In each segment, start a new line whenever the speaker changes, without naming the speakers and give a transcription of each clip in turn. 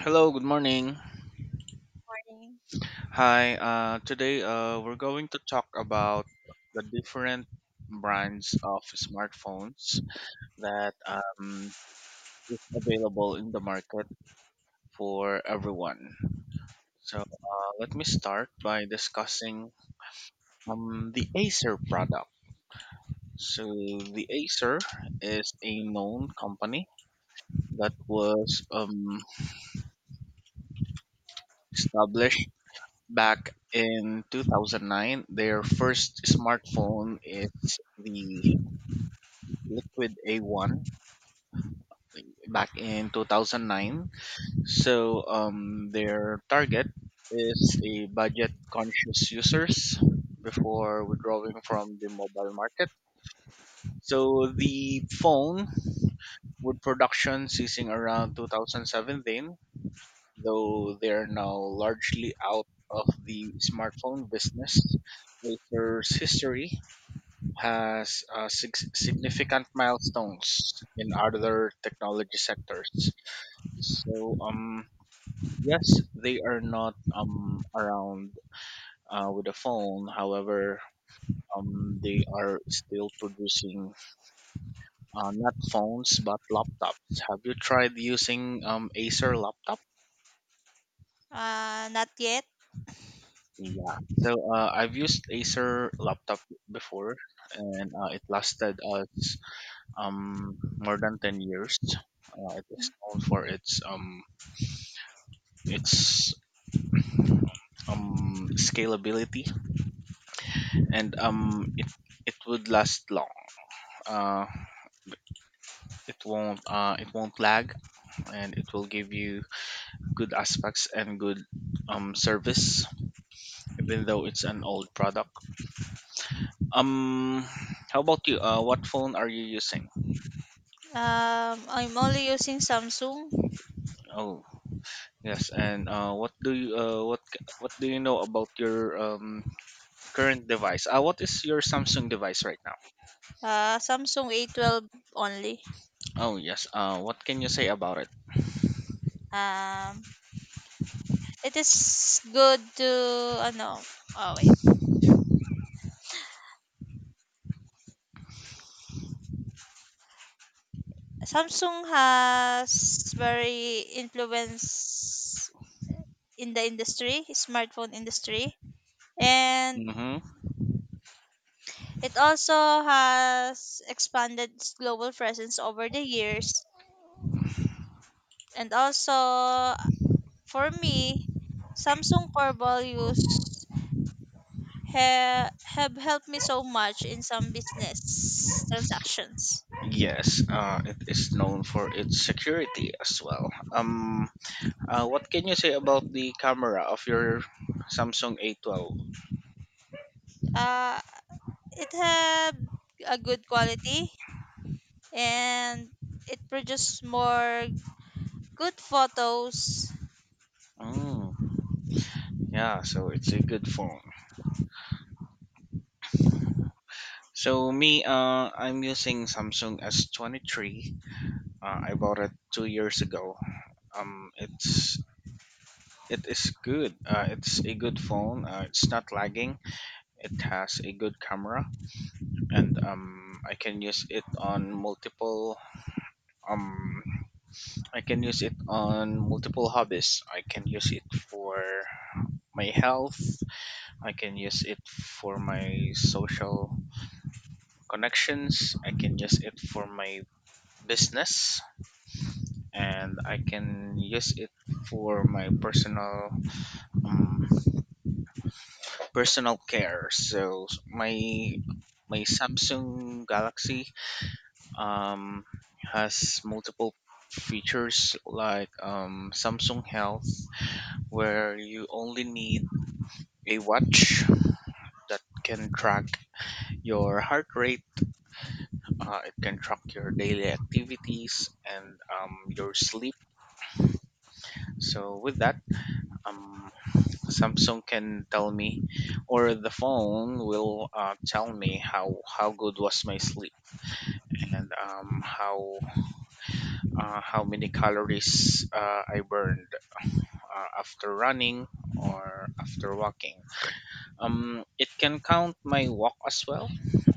Hello, good morning.
Morning.
Today we're going to talk about the different brands of smartphones that is available in the market for everyone. So let me start by discussing the Acer product. So the Acer is a known company that was established back in 2009. Their first smartphone is the Liquid A1 back in 2009. So their target is a budget conscious users before withdrawing from the mobile market. So the phone with production ceasing around 2017, though they're now largely out of the smartphone business. Acer's history has significant milestones in other technology sectors. So, um, yes, they are not around with a phone. However, they are still producing not phones but laptops. Have you tried using Acer laptop?
Not yet.
Yeah. So I've used Acer laptop before, and it lasted us more than 10 years. It is known for its scalability and it would last long. Uh, it won't lag, and it will give you good aspects and good service even though it's an old product. Um, how about you? What phone are you using?
I'm only using Samsung.
Oh, yes. And what do you know about your current device? What is your Samsung device right now?
Samsung A12 only.
Oh yes. What can you say about it?
Um, it is good to ano. Oh wait. Samsung has very influence in the industry, smartphone industry, and
Mm-hmm.
it also has expanded its global presence over the years. And also, for me, Samsung core values ha- have helped me so much in some business transactions.
Yes. It is known for its security as well. What can you say about the camera of your Samsung A12?
Uh, it had a good quality and it produced more good photos.
Mm, yeah. So it's a good phone. So me, I'm using Samsung S23. I bought it 2 years ago. Um, it's it is good. It's a good phone. It's not lagging. It has a good camera, and um, I can use it on multiple hobbies. I can use it for my health. I can use it for my social connections. I can use it for my business, and I can use it for my personal um, personal care. So my Samsung Galaxy um, has multiple features like Samsung Health, where you only need a watch that can track your heart rate. It can track your daily activities, and your sleep. So, with that, um, Samsung can tell me, or the phone will tell me how good was my sleep, and how many calories I burned after running or after walking. It can count my walk as well,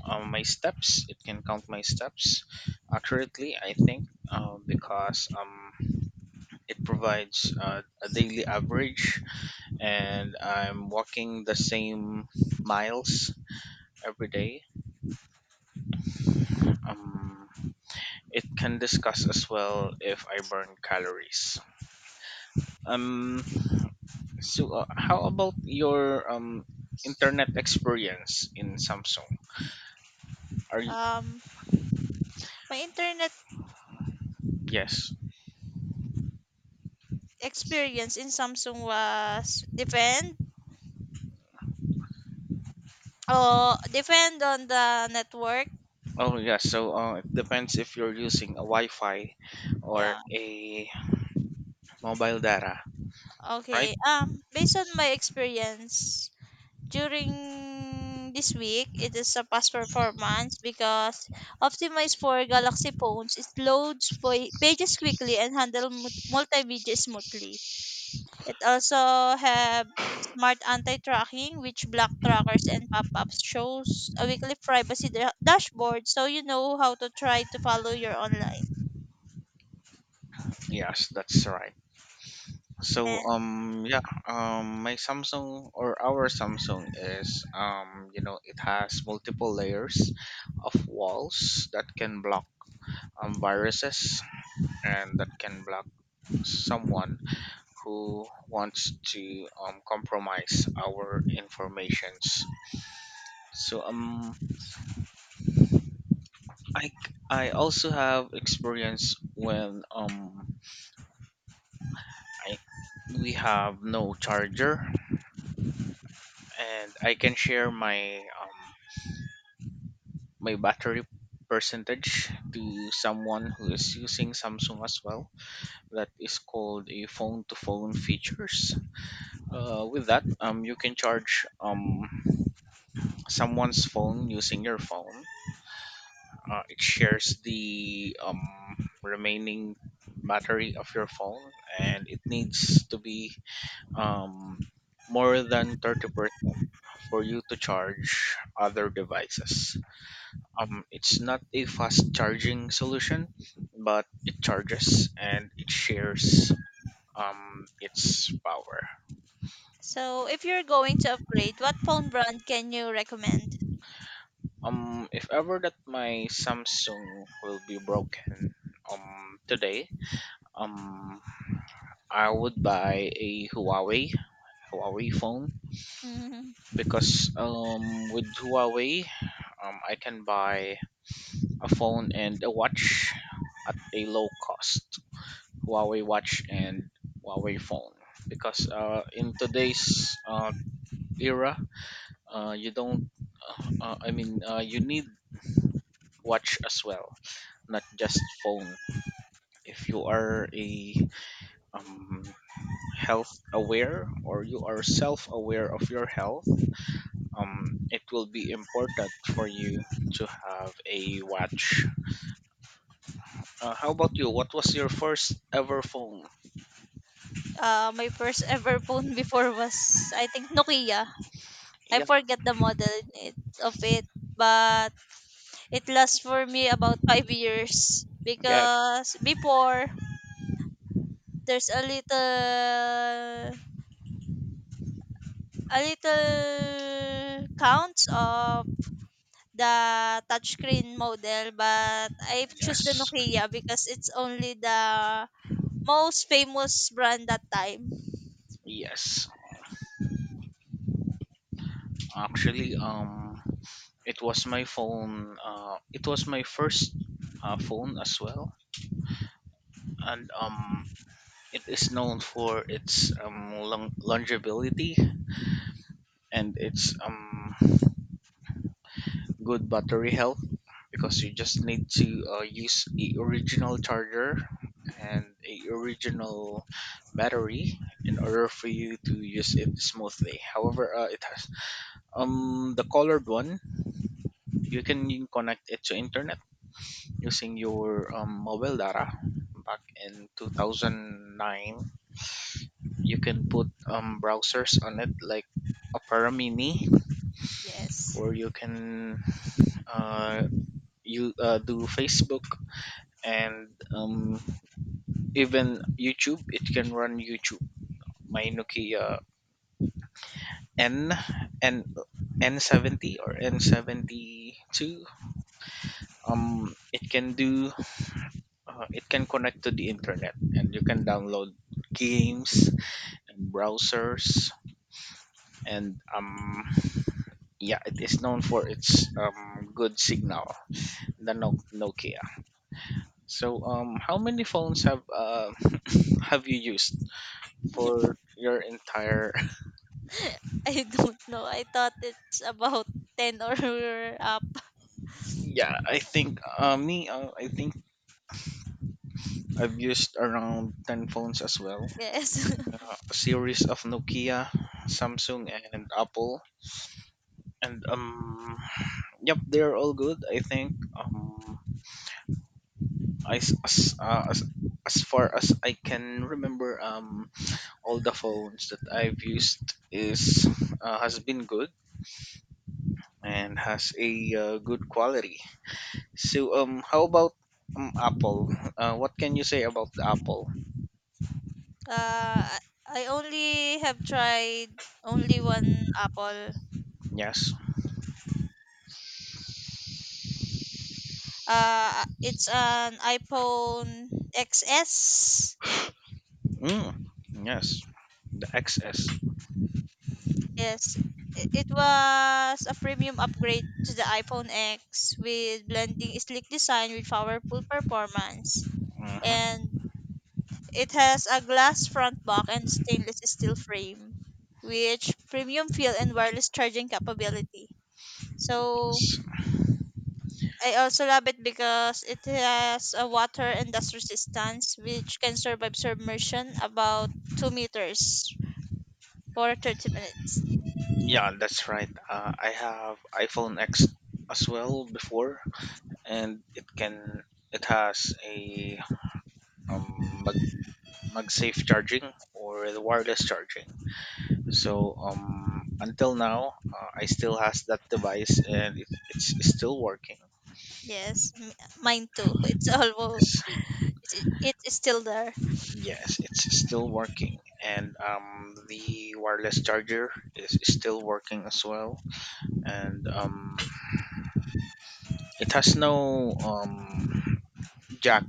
my steps. It can count my steps accurately, I think, because it provides a daily average, and I'm walking the same miles every day. Um, it can discuss as well if I burn calories. Um, how about your internet experience in Samsung? Are you?
Um, my internet
Yes?
experience in Samsung was depend oh depend on the network.
Oh yes. So, it depends if you're using a Wi-Fi or
Yeah.
a mobile data, right?
Okay. Based on my experience, during this week, it is a past performance because optimized for Galaxy phones. It loads pages quickly and handle multimedia smoothly. It also have smart anti-tracking, which block trackers and pop-ups. Shows a weekly privacy dashboard, so you know how to try to follow your online.
Yes, that's right.
And
My Samsung, or our Samsung, is, it has multiple layers of walls that can block viruses and that can block someone who wants to compromise our informations. So um, I I also have experience when I we have no charger, and I can share my battery percentage to someone who is using Samsung as well. That is called a phone to phone features. With that you can charge someone's phone using your phone. It shares the remaining battery of your phone, and it needs to be um, more than 30% for you to charge other devices. It's not a fast charging solution, but it charges and it shares its power.
so, if you're going to upgrade, what phone brand can you recommend?
If ever that my Samsung will be broken today, um, I would buy a Huawei phone because with Huawei, I can buy a phone and a watch at a low cost. Huawei watch and Huawei phone, because in today's era, you don't. I mean, you need watch as well, not just phone. If you are a um, health aware, or you are self aware of your health, it will be important for you to have a watch. How about you? What was your first ever phone?
My first ever phone before was I think Nokia. I
Yeah.
forget the model it, of it, but it lasts for me about 5 years
Yes.
because before there's a little counts of the touchscreen model, but I choose the
Yes,
Nokia because it's only the most famous brand that time.
yes. Actually, it was my phone. It was my first phone as well, and it is known for its longevity and its good battery health, because you just need to use a original charger and a original battery in order for you to use it smoothly. However, it has the colored one. You can connect it to internet using your mobile data back in 2009. You can put browsers on it like Opera Mini,
Yes.
or you can uh, you do Facebook, and even YouTube. It can run YouTube, my Nokia n n n70 or n72. It can do it can connect to the internet, and you can download games and browsers. And yeah, it is known for its good signal, the Nokia. So how many phones have you used for your entire?
I don't know. I thought it's about 10 or up.
Yeah, I think, me I think I've used around 10 phones as well.
Yes.
A series of Nokia, Samsung, and Apple. And yep, they're all good. I think I s- as far as I can remember, all the phones that I've used is has been good and has a good quality. So how about Apple? What can you say about the Apple?
Uh, I I only have tried only one Apple.
Yes.
It's an iPhone XS.
Mm, yes. The XS.
Yes. It was a premium upgrade to the iPhone X with blending sleek design with powerful performance. And it has a glass front back and stainless steel frame, which premium feel and wireless charging capability. So
S-
I also love it because it has a water and dust resistance, which can survive submersion about 2 meters for 30 minutes.
Yeah, that's right. I have iPhone X as well before, and it has a um, mag MagSafe charging, or the wireless charging. So until now, I still has that device, and it's still working.
Yes, mine too. It's almost it's, it's still there.
Yes, yes, it's still working, and the wireless charger is still working as well, and it has no jack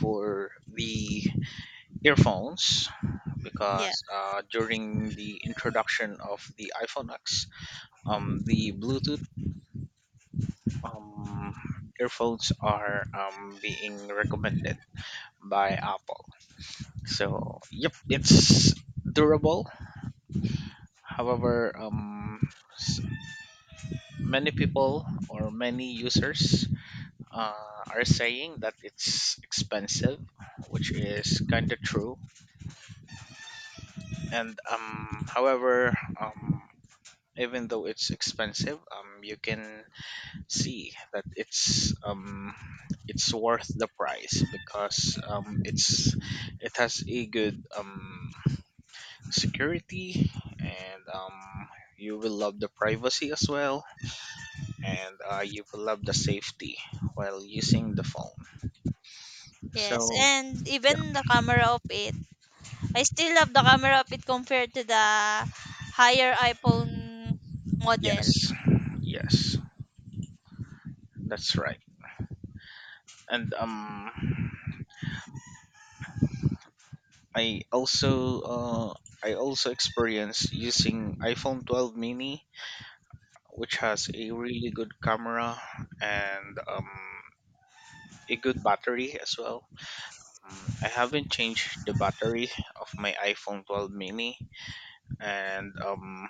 for the earphones
Yeah.
because during the introduction of the iPhone X, the Bluetooth um, earphones are being recommended by Apple. So, yep, it's durable. However, s- many people or many users uh, are saying that it's expensive, which is kind of true. And however um even though it's expensive, you can see that it's worth the price, because it has a good security, and you will love the privacy as well, and you will love the safety while using the phone.
Yes,
So
and
yeah.
even the camera of it, I still love the camera of it compared to the higher iPhone model.
Yes, yes, that's right. And I also uh, I also experienced using iPhone 12 mini, which has a really good camera and a good battery as well. I haven't changed the battery of my iPhone 12 mini, and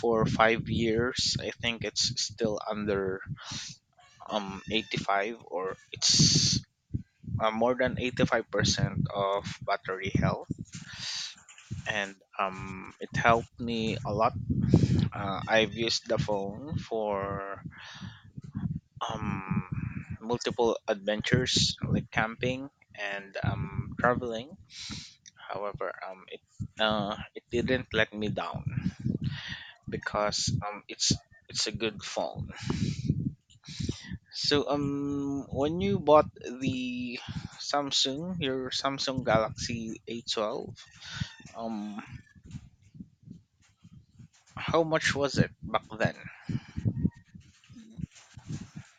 for 5 years, I think it's still under 85, or it's more than 85% of battery health, and it helped me a lot. I've used the phone for multiple adventures like camping and traveling. However, it didn't let me down because it's a good phone. So when you bought the Samsung, your Samsung Galaxy A12, um, how much was it back then?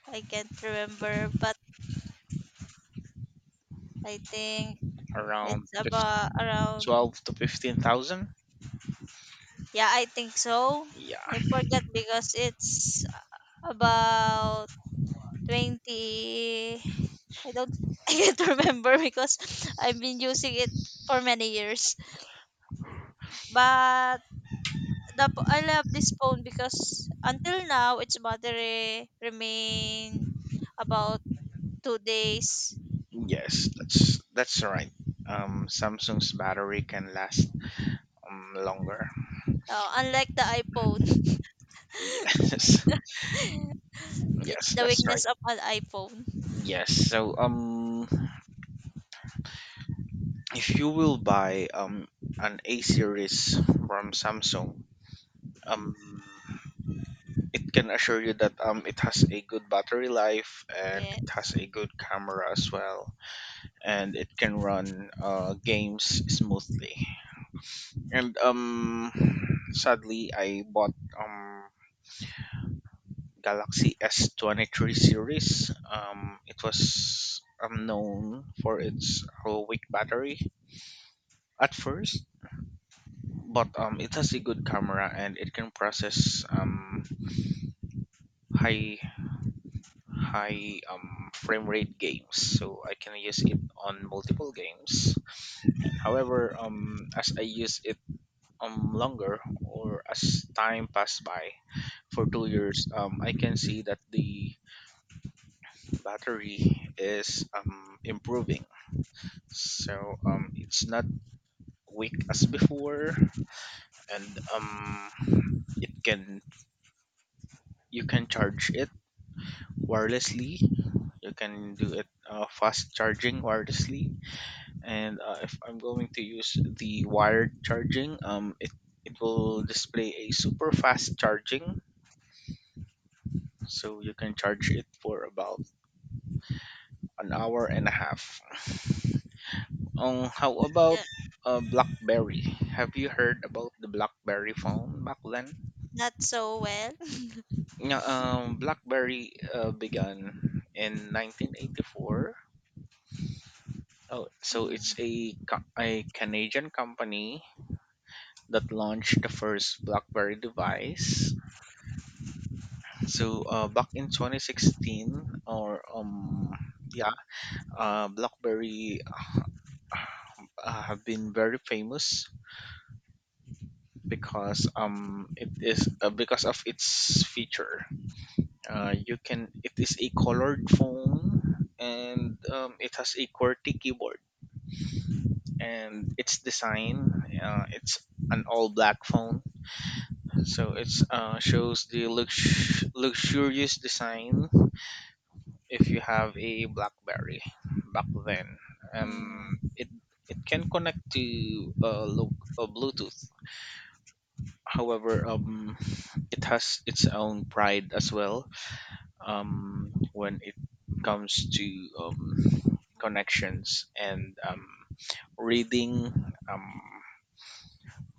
I can't remember, but I think
Around
it's
fif-
about around.
12 to 15,000?
Yeah, I think so. I
Yeah.
forgot because it's about 20. I don't. I can't remember because I've been using it for many years. But I love this phone because until now its battery remain about 2 days.
Yes, that's right. Samsung's battery can last longer.
Uh, unlike the iPhone,
Yes,
it's
yes,
the
that's right.
weakness of an iPhone.
Yes, so if you will buy an A series from Samsung, um, it can assure you that it has a good battery life, and it
Yes.
has a good camera as well, and it can run games smoothly. And sadly, I bought Galaxy S23 series. It was Known for its low weak battery at first, but it has a good camera, and it can process high high frame rate games. So I can use it on multiple games. And however, as I use it longer, or as time passed by for 2 years, I can see that the battery is improving. So it's not weak as before, and it can you can charge it wirelessly. You can do it fast charging wirelessly, and if I'm going to use the wired charging, it will display a super fast charging, so you can charge it for about an hour and a half. How about
Yeah.
BlackBerry? Have you heard about the BlackBerry phone back then?
Not so well.
Yeah, BlackBerry began in 1984. Oh, so it's
Mm,
a a Canadian company that launched the first BlackBerry device. So back in 2016, yeah, BlackBerry have been very famous because it is because of its feature. You can it is a colored phone, and it has a QWERTY keyboard, and its design it's an all black phone, so it's shows the luxurious design if you have a blackberry back then. um
mm,
it it can connect to bluetooth. However, it has its own pride as well, when it comes to um connections and reading um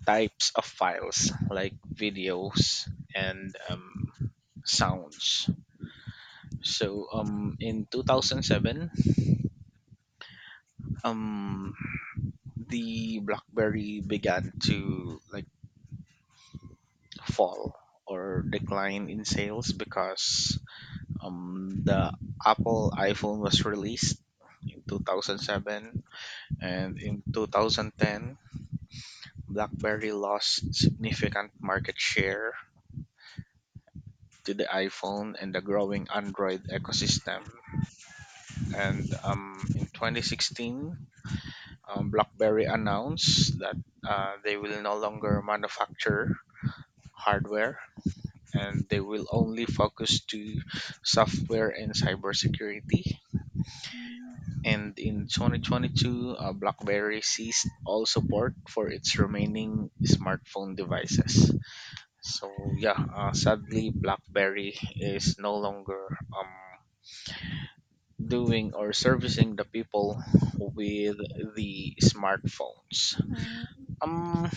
types of files like videos and sounds. So in 2007, um, the BlackBerry began to like fall or decline in sales because the Apple iPhone was released in 2007, and in 2010 BlackBerry lost significant market share to the iPhone and the growing Android ecosystem. And in 2016, BlackBerry announced that they will no longer manufacture hardware, and they will only focus to software and cybersecurity.
mm,
And in 2022, BlackBerry ceased all support for its remaining smartphone devices. So yeah, sadly, BlackBerry is no longer doing or servicing the people with the smartphones.
mm.
Um,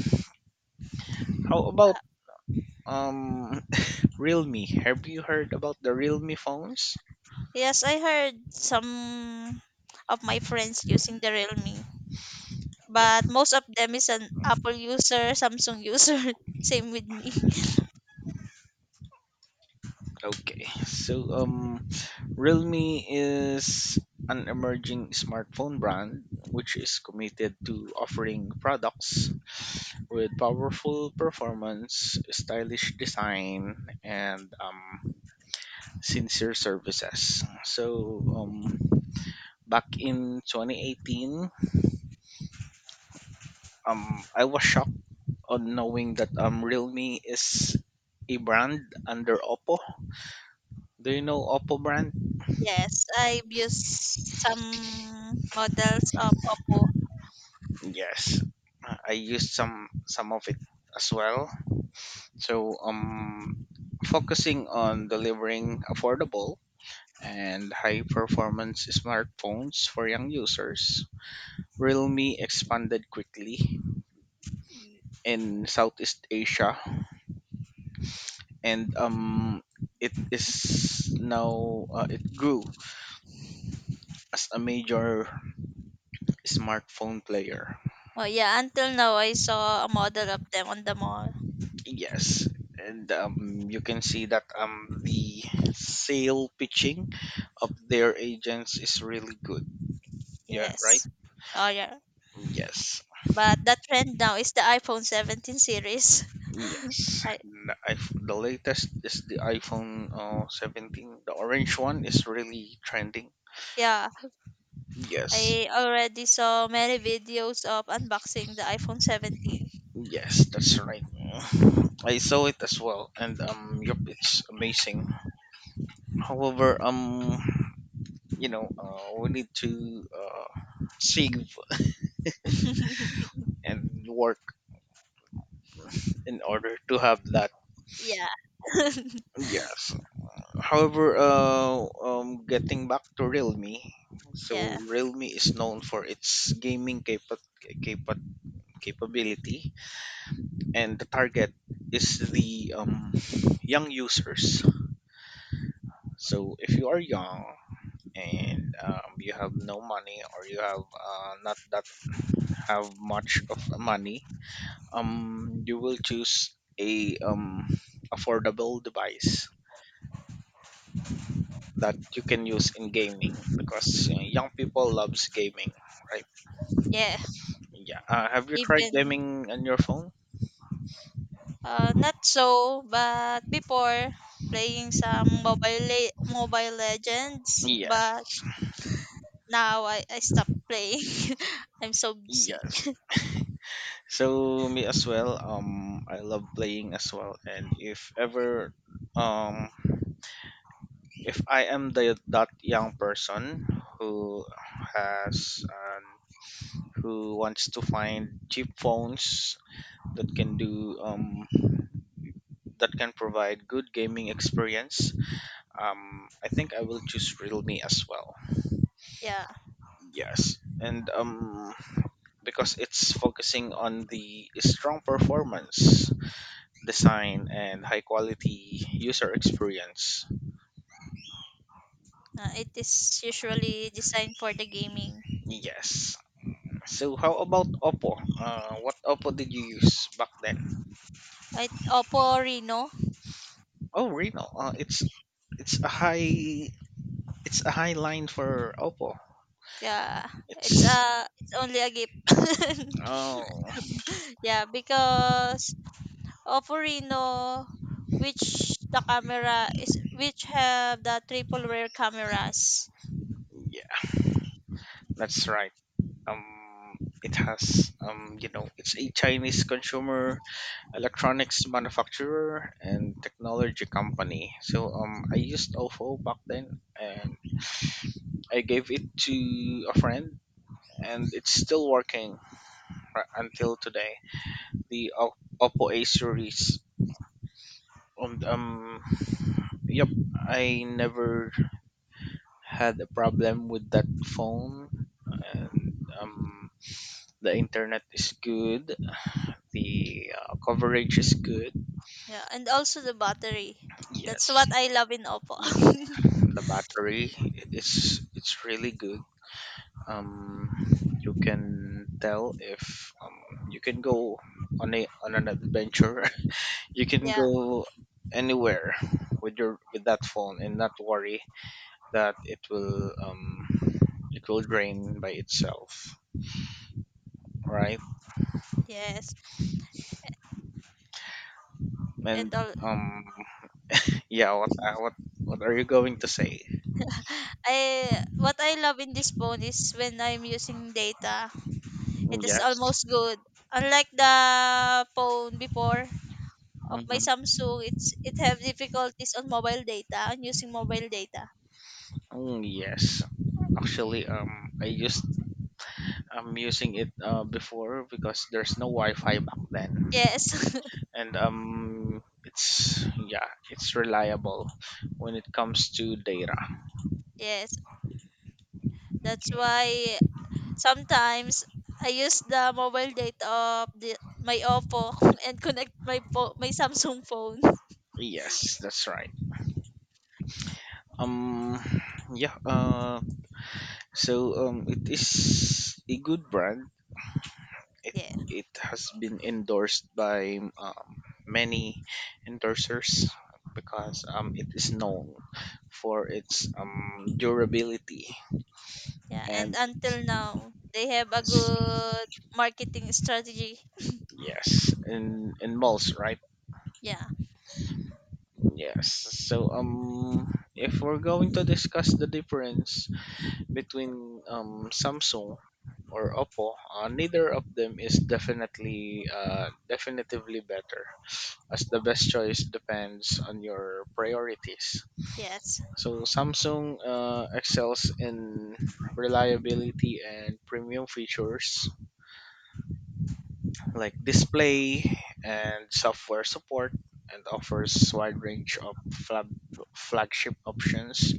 how about
Uh,
um Realme? Have you heard about the Realme phones?
yes, I heard some of my friends using the Realme,
Yeah.
but most of them is an Apple user, Samsung user. Same with me.
Okay. So Realme is an emerging smartphone brand which is committed to offering products with powerful performance, stylish design, and sincere services. So back in 2018, I was shocked on knowing that Realme is a brand under Oppo. Do you know Oppo brand?
Yes, I've used some models of Oppo.
Yes. I used some of it as well. So focusing on delivering affordable and high performance smartphones for young users, Realme expanded quickly in Southeast Asia, and it is now it grew as a major smartphone player.
Oh yeah, until now I saw a model of them on the mall.
Yes, and you can see that the sale pitching of their agents is really good. Yeah, right.
Yes. Oh yeah.
Yes,
But the trend now is the iPhone 17 series.
yes.
I
The latest is the iPhone 17. The orange one is really trending.
yeah,
Yes,
I already saw many videos of unboxing the iPhone 17.
yes, that's right. I saw it as well, and yep, it's amazing. However, you know, we need to save and work in order to have that.
Yeah.
Yes. However, getting back to Realme, so
Yeah.
Realme is known for its capa- capability, and the target is the young users. So if you are young, and you have no money, or you have not that have much of money, you will choose a affordable device that you can use in gaming, because you know, young people loves gaming, right?
Yeah.
Yeah. Have you tried
Even
gaming on your phone?
not so, but before playing some mobile legends,
Yeah.
but now I stopped playing. I'm so busy.
Yes, so me as well. I love playing as well, and if ever um if I am the that young person who has who wants to find cheap phones that can do that can provide good gaming experience, I think I will choose Realme as well.
Yeah.
Yes, and because it's focusing on the strong performance, design, and high quality user experience.
It is usually designed for the gaming.
Yes. So how about Oppo? What Oppo did you use back then?
It Oppo Reno.
Oh, Reno. It's a high it's a high line for Oppo.
Yeah,
It's
it's only a gift.
oh
Yeah, because Oppo Reno, which the camera is which have the triple rear cameras.
yeah, that's right. Um, it has, you know, it's a Chinese consumer electronics manufacturer and technology company. So I used OFO back then, and I gave it to a friend, and it's still working until today. The Oppo A series. And, yep, I never had a problem with that phone, and the internet is good, the coverage is good.
Yeah, and also the battery. That's
Yes,
what I love in Oppo.
yes. The battery, it's really good. Um, you can tell if you can go on a on an adventure. You can
Yeah.
go anywhere with your with that phone and not worry that it will drain by itself, right?
Yes.
And
And all,
um yeah, what are you going to say?
I, what I love in this phone is when I'm using data, it is
Yes.
almost good. Unlike the phone before, of my
Mm-hmm.
Samsung, it have difficulties on mobile data, on using mobile data.
Mm, yes. Actually, I'm using it before because there's no Wi-Fi back then,
Yes.
and it's yeah, it's reliable when it comes to data.
Yes. That's why sometimes I use the mobile data of my Oppo and connect my Samsung phone.
Yes, that's right. Um, yeah. So it is a good brand. It
Yeah.
it has been endorsed by many endorsers because it is known for its durability
Yeah, and
and
until now they have a
its.
good marketing strategy.
Yes, in malls, right?
Yeah.
Yes. So if we're going to discuss the difference between Samsung or Oppo, neither of them is definitely definitively better, as the best choice depends on your priorities.
Yes.
So Samsung excels in reliability and premium features, like display and software support, and offers wide range of flagship options.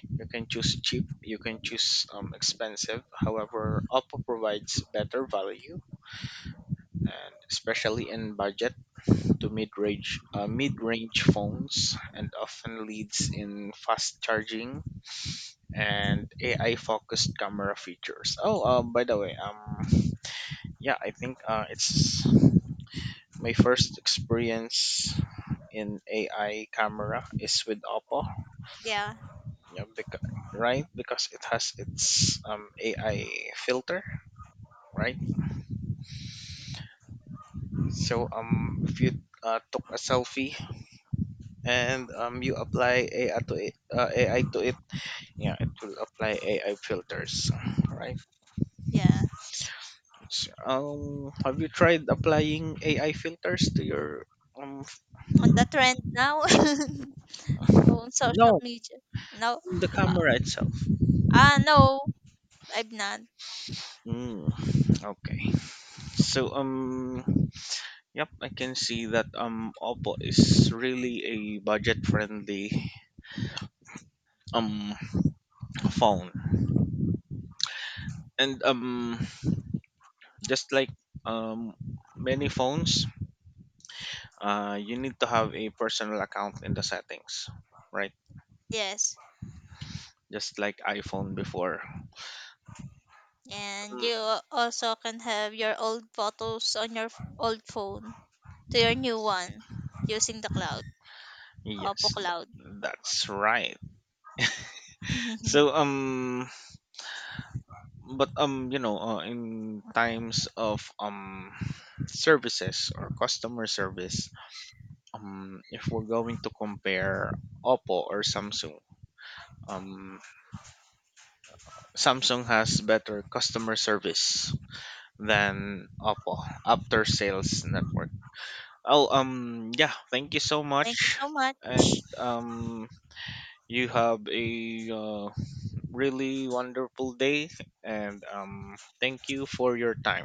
You can choose cheap, you can choose expensive. However, Oppo provides better value, and especially in budget to mid-range phones, and often leads in fast charging and AI focused camera features. Oh, by the way, yeah, I think it's my first experience in AI camera is with Oppo,
Yeah.
yeah, because, right? Because it has its AI filter, right? So if you took a selfie and you apply AI to it, yeah, it will apply AI filters, right?
Yeah.
So, have you tried applying AI filters to your um? f-
On the trend now on social
No,
media. No.
the
Uh,
camera itself.
no, I'm not.
Mm, okay. So yep, I can see that Oppo is really a budget friendly um phone. And just like um many phones, you need to have a personal account in the settings, right?
Yes.
Just like iPhone before.
And
Mm,
you also can have your old photos on your old phone to your new one using the cloud, Oppo
yes,
Cloud.
that's right. So but you know, in times of services or customer service, if we're going to compare Oppo or Samsung, um, Samsung has better customer service than Oppo after sales network. Oh, yeah, thank you so
Thank you
much.
so much.
And um, you have a really wonderful day, and thank you for your time.